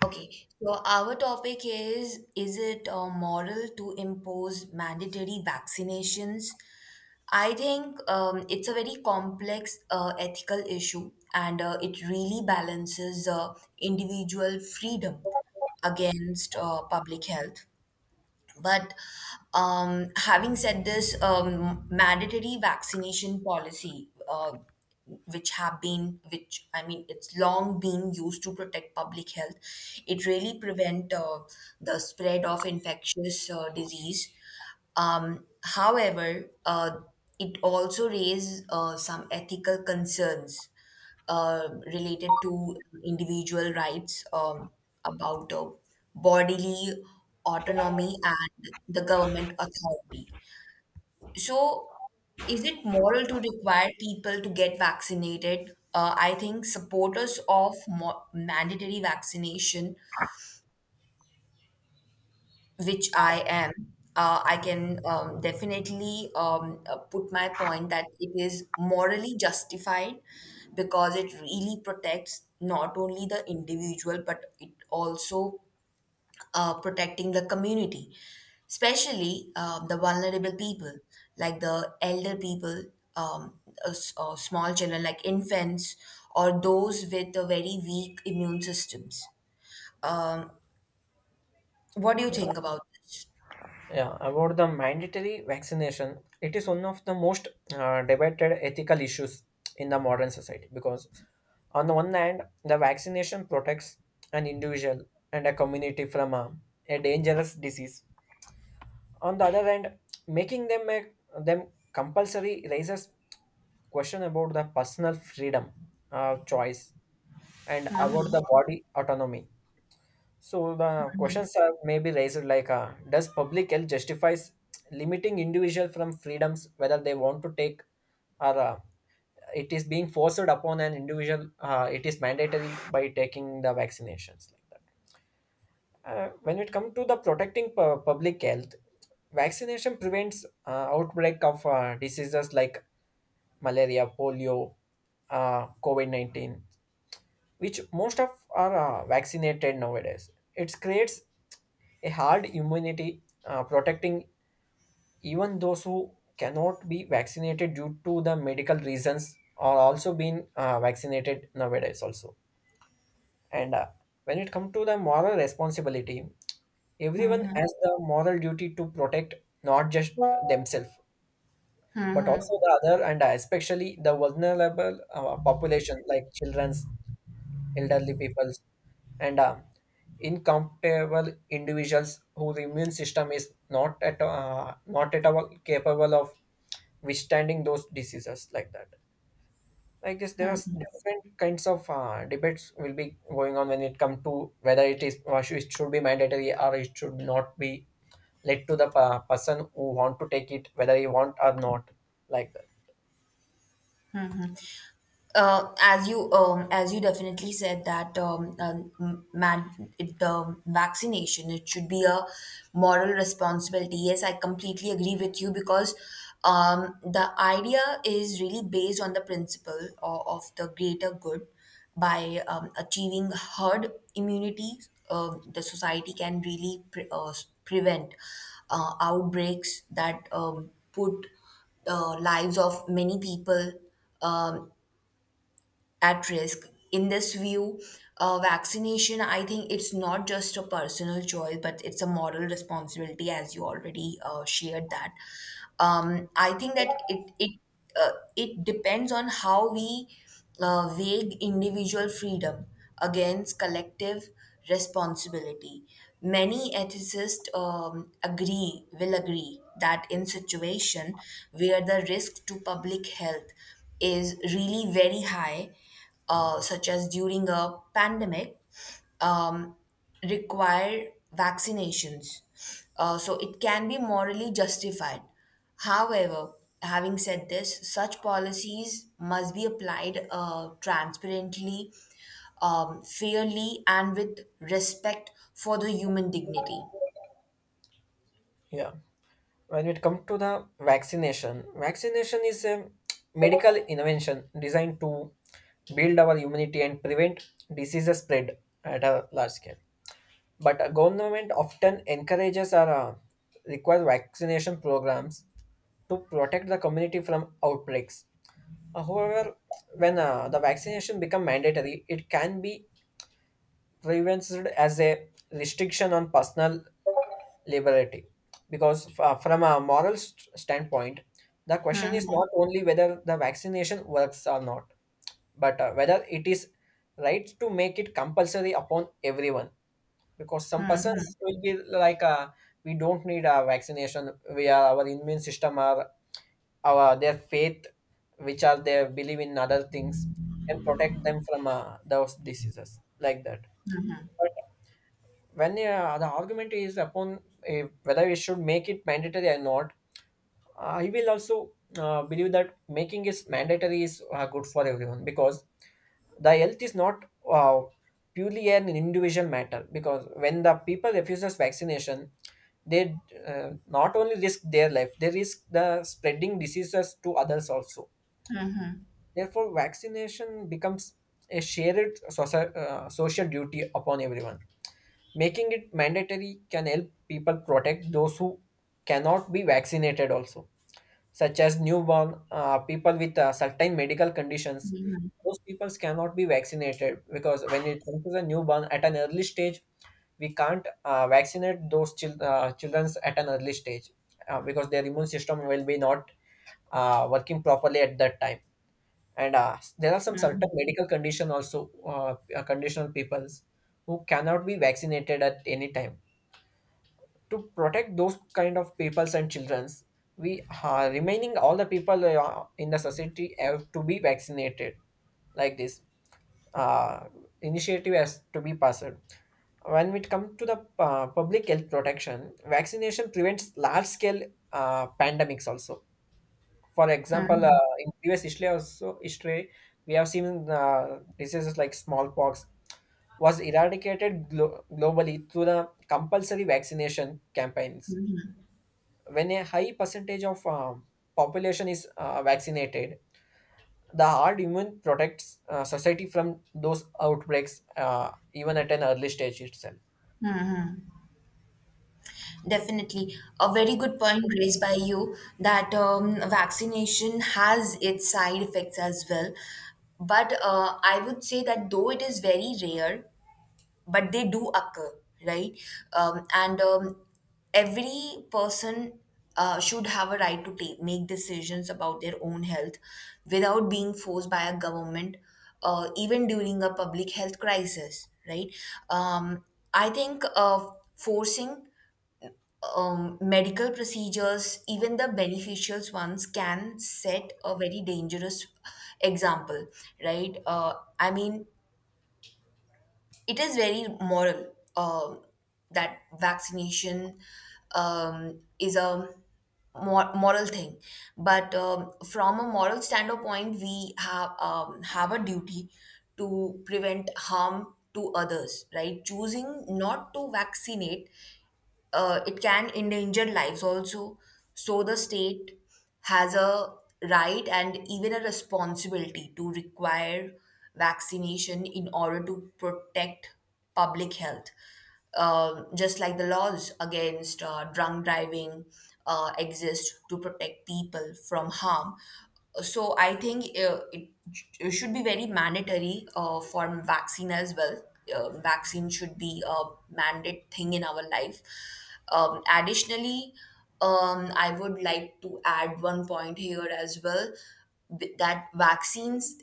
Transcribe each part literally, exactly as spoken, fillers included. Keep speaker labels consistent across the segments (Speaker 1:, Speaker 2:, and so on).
Speaker 1: Okay, so our topic is: is it uh, moral to impose mandatory vaccinations? I think um, it's a very complex uh, ethical issue, and uh, it really balances uh, individual freedom against uh, public health. But um, having said this, um, mandatory vaccination policy, uh, which have been, which I mean, it's long been used to protect public health. It really prevent uh, the spread of infectious uh, disease. Um, however, uh, it also raises uh, some ethical concerns uh, related to individual rights, um, about uh, bodily autonomy and the government authority. So, is it moral to require people to get vaccinated? Uh, I think supporters of mo- mandatory vaccination, which I am, uh, I can um, definitely um, uh, put my point that it is morally justified, because it really protects not only the individual, but it also uh, protecting the community, especially um, the vulnerable people, like the elder people, um, uh, s- uh, small children like infants, or those with a very weak immune systems. Um, what do you
Speaker 2: Yeah,
Speaker 1: think about this?
Speaker 2: yeah. About the mandatory vaccination, it is one of the most uh, debated ethical issues in the modern society because, on the one hand, the vaccination protects an individual and a community from a, a dangerous disease. On the other hand, making them a, them compulsory raises question about the personal freedom, uh, choice, and about the body autonomy. So the questions are maybe raised like, uh, does public health justifies limiting individual from freedoms whether they want to take or uh, it is being forced upon an individual? Uh, it is mandatory by taking the vaccinations like that. Uh, when it comes to the protecting pu- public health, vaccination prevents uh, outbreak of uh, diseases like malaria, polio, uh, COVID nineteen, which most of are uh, vaccinated nowadays. It creates a hard immunity, uh, protecting even those who cannot be vaccinated due to the medical reasons are also being uh, vaccinated nowadays also. And uh, when it comes to the moral responsibility, everyone has the moral duty to protect not just themselves but also the other and uh, especially the vulnerable uh, population like children, elderly peoples, and uh, incompatible individuals whose immune system is not at uh, not at all capable of withstanding those diseases like that. I guess there are different kinds of uh, debates will be going on when it come to whether it is or should- it should be mandatory or it should not be led to the uh, person who want to take it whether he want or not like that.
Speaker 1: uh, as you um, as you definitely said that, um, um, man, it, the vaccination, it should be a moral responsibility. Yes, I completely agree with you, because um, the idea is really based on the principle of, of the greater good. By um, achieving herd immunity, um, the society can really pre- uh, s- prevent uh, outbreaks that um, put uh, lives of many people um at risk. In this view, uh, vaccination, I think, it's not just a personal choice, but it's a moral responsibility, as you already uh, shared that. Um, I think that it it uh, it depends on how we uh, weigh individual freedom against collective responsibility. Many ethicists um, agree, will agree that in situation where the risk to public health is really very high, uh, such as during a pandemic, um, require vaccinations. Uh, so it can be morally justified. However, having said this, such policies must be applied uh, transparently, um, fairly, and with respect for the human dignity.
Speaker 2: Yeah. When it comes to the vaccination, vaccination is a medical invention designed to build our immunity and prevent diseases spread at a large scale. But a government often encourages or uh, requires vaccination programs to protect the community from outbreaks. Uh, However, when uh, the vaccination become mandatory, it can be revenced as a restriction on personal liberty because f- from a moral st- standpoint the question is not only whether the vaccination works or not but uh, whether it is right to make it compulsory upon everyone because some persons will be like uh, we don't need a vaccination, we are our immune system or our their faith which are their believe in other things can protect them from uh, those diseases like that. But when uh, the argument is upon uh, whether we should make it mandatory or not, uh, I will also uh, believe that making it mandatory is uh, good for everyone because the health is not uh, purely an individual matter. Because when the people refuses vaccination, they uh, not only risk their life, they risk the spreading diseases to others also. Therefore, vaccination becomes a shared soci- uh, social duty upon everyone. Making it mandatory can help people protect those who cannot be vaccinated also, such as newborn, uh, people with uh, certain medical conditions. Those people cannot be vaccinated because when it comes to the newborn at an early stage, we can't uh, vaccinate those chil- uh, children at an early stage uh, because their immune system will be not uh, working properly at that time. And uh, there are some certain medical condition also, uh, conditional peoples who cannot be vaccinated at any time. To protect those kind of peoples and childrens, we are remaining all the people uh, in the society have to be vaccinated. Like this, uh, initiative has to be passed. When it comes to the uh, public health protection, vaccination prevents large scale uh, pandemics also. For example, uh, in previous history also history we have seen uh, diseases like smallpox was eradicated glo- globally through the compulsory vaccination campaigns. When a high percentage of um, population is uh, vaccinated, the hard immune protects uh, society from those outbreaks uh, even at an early stage itself.
Speaker 1: Definitely, a very good point raised by you, that um, vaccination has its side effects as well. But uh, I would say that, though it is very rare, but they do occur, right? Um, and um, every person uh, should have a right to take make decisions about their own health without being forced by a government, uh, even during a public health crisis, right? Um, I think uh, forcing um, medical procedures, even the beneficial ones, can set a very dangerous example, right? Uh, I mean, it is very moral, um, that vaccination um, is a mor- moral thing, but um, from a moral standpoint we have um, have a duty to prevent harm to others. Right, choosing not to vaccinate, uh, it can endanger lives also. So the state has a right and even a responsibility to require vaccination in order to protect public health. Um, just like the laws against uh, drunk driving uh, exist to protect people from harm. So I think uh, it, it should be very mandatory uh, for vaccine as well. Uh, vaccine should be a mandate thing in our life. Um, additionally, um, I would like to add one point here as well, th- that vaccines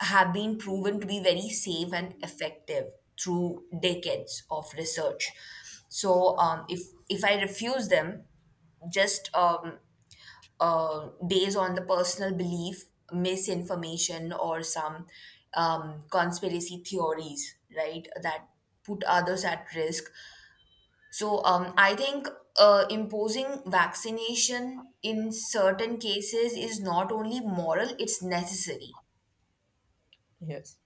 Speaker 1: have been proven to be very safe and effective through decades of research. So, um, if if I refuse them, just um, uh, based on the personal belief, misinformation, or some um, conspiracy theories, right, that put others at risk, so um, I think uh, imposing vaccination in certain cases is not only moral, it's necessary.
Speaker 2: Yes,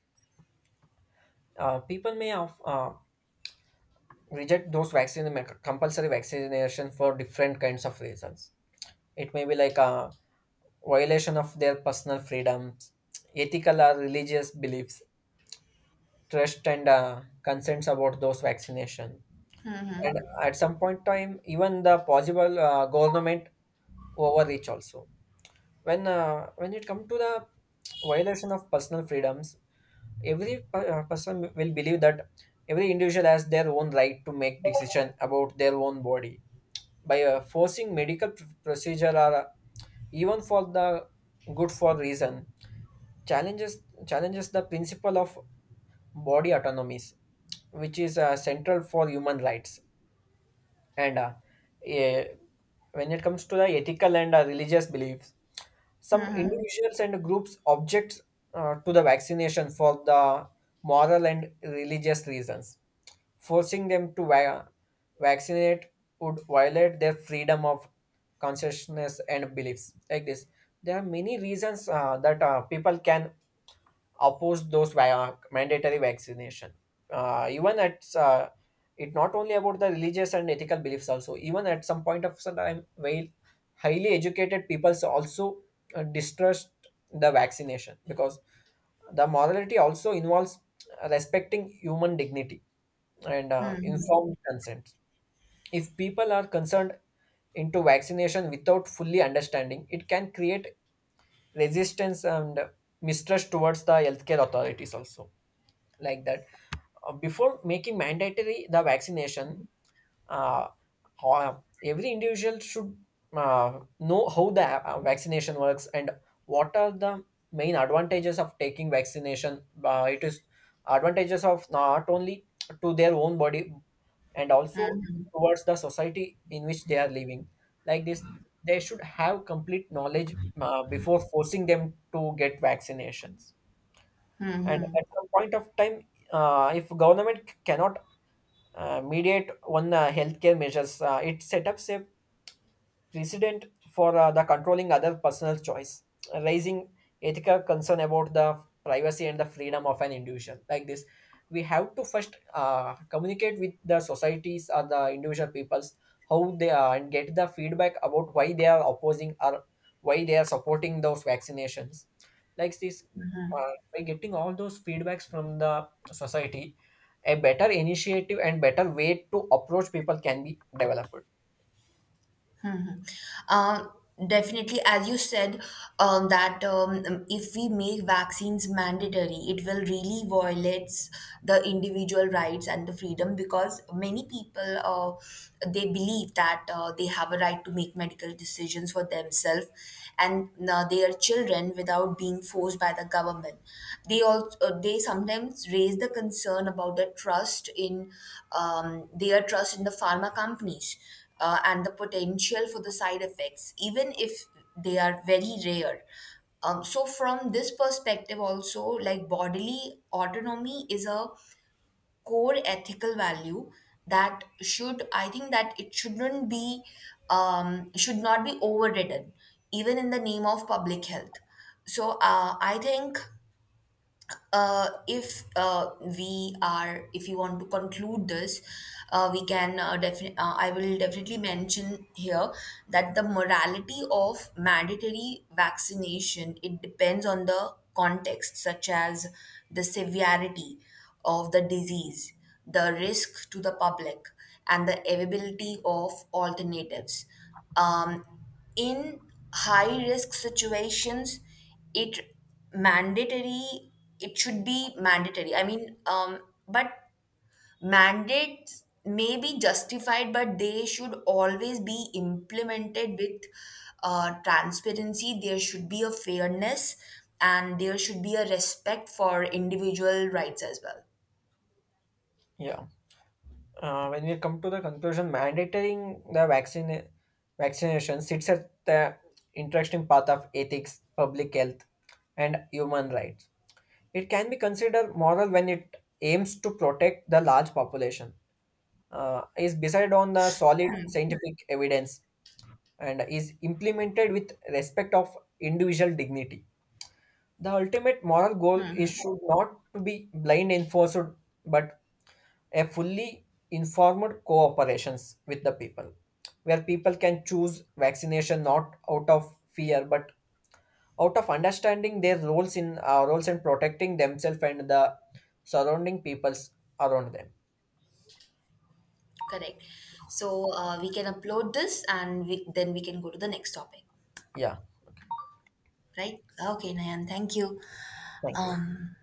Speaker 2: uh, people may have, uh, reject those vaccine compulsory vaccination for different kinds of reasons. It may be like a violation of their personal freedoms, ethical or religious beliefs, trust and uh, concerns about those vaccination, and at some point time even the possible uh, government overreach also. When uh, when it comes to the violation of personal freedoms, every per- uh, person will believe that every individual has their own right to make decision about their own body. By uh, forcing medical pr- procedure or uh, even for the good for reason, challenges challenges the principle of body autonomies, which is uh, central for human rights. And uh, eh, when it comes to the ethical and uh, religious beliefs, some individuals and groups object uh, to the vaccination for the moral and religious reasons. Forcing them to va- vaccinate would violate their freedom of consciousness and beliefs. Like this, there are many reasons uh, that uh, people can oppose those va- mandatory vaccination. Uh, even at uh, it not only about the religious and ethical beliefs also. Even at some point of some time, while highly educated peoples also uh, distrust the vaccination because the morality also involves respecting human dignity and uh, informed consent. If people are concerned into vaccination without fully understanding, it can create resistance and mistrust towards the healthcare authorities also like that. Uh, Before making mandatory the vaccination, uh, ho- every individual should uh, know how the uh, vaccination works and what are the main advantages of taking vaccination. Uh, it is advantages of not only to their own body and also towards the society in which they are living. Like this, they should have complete knowledge uh, before forcing them to get vaccinations. And at some point of time, uh, if government cannot uh, mediate on uh, healthcare measures, uh, it set up a precedent for uh, the controlling other personal choice, raising ethical concern about the privacy and the freedom of an individual. Like this, we have to first uh, communicate with the societies or the individual peoples, how they are, and get the feedback about why they are opposing or why they are supporting those vaccinations. Like this, uh, by getting all those feedbacks from the society, a better initiative and better way to approach people can be developed.
Speaker 1: Um, Definitely, as you said, um, that um, if we make vaccines mandatory, it will really violates the individual rights and the freedom, because many people, uh, they believe that uh, they have a right to make medical decisions for themselves and uh, their children without being forced by the government. They also uh, they sometimes raise the concern about the trust in um, their trust in the pharma companies, uh, and the potential for the side effects, even if they are very rare. Um, so, from this perspective, also, like bodily autonomy is a core ethical value that should, I think, that it shouldn't be, um, should not be overridden, even in the name of public health. So, uh, I think uh, if uh, we are if you want to conclude this, uh, we can uh, definitely, uh, I will definitely mention here that the morality of mandatory vaccination, it depends on the context, such as the severity of the disease, the risk to the public, and the availability of alternatives. um, in high risk situations, it mandatory it should be mandatory, I mean, um but mandates may be justified, but they should always be implemented with uh, transparency. There should be a fairness, and there should be a respect for individual rights as well.
Speaker 2: Yeah. Uh, when we come to the conclusion, mandating the vaccine vaccination sits at the interesting path of ethics, public health, and human rights. It can be considered moral when it aims to protect the large population, uh, is based on the solid scientific evidence, and is implemented with respect of individual dignity. The ultimate moral goal is should not to be blind enforced, but a fully informed cooperations with the people where people can choose vaccination not out of fear but out of understanding their roles in uh, roles and protecting themselves and the surrounding peoples around them.
Speaker 1: Correct. So uh, we can upload this, and we, then we can go to the next topic,
Speaker 2: Yeah,
Speaker 1: right? Okay, Nayan, thank you.
Speaker 2: thank you.
Speaker 1: Um,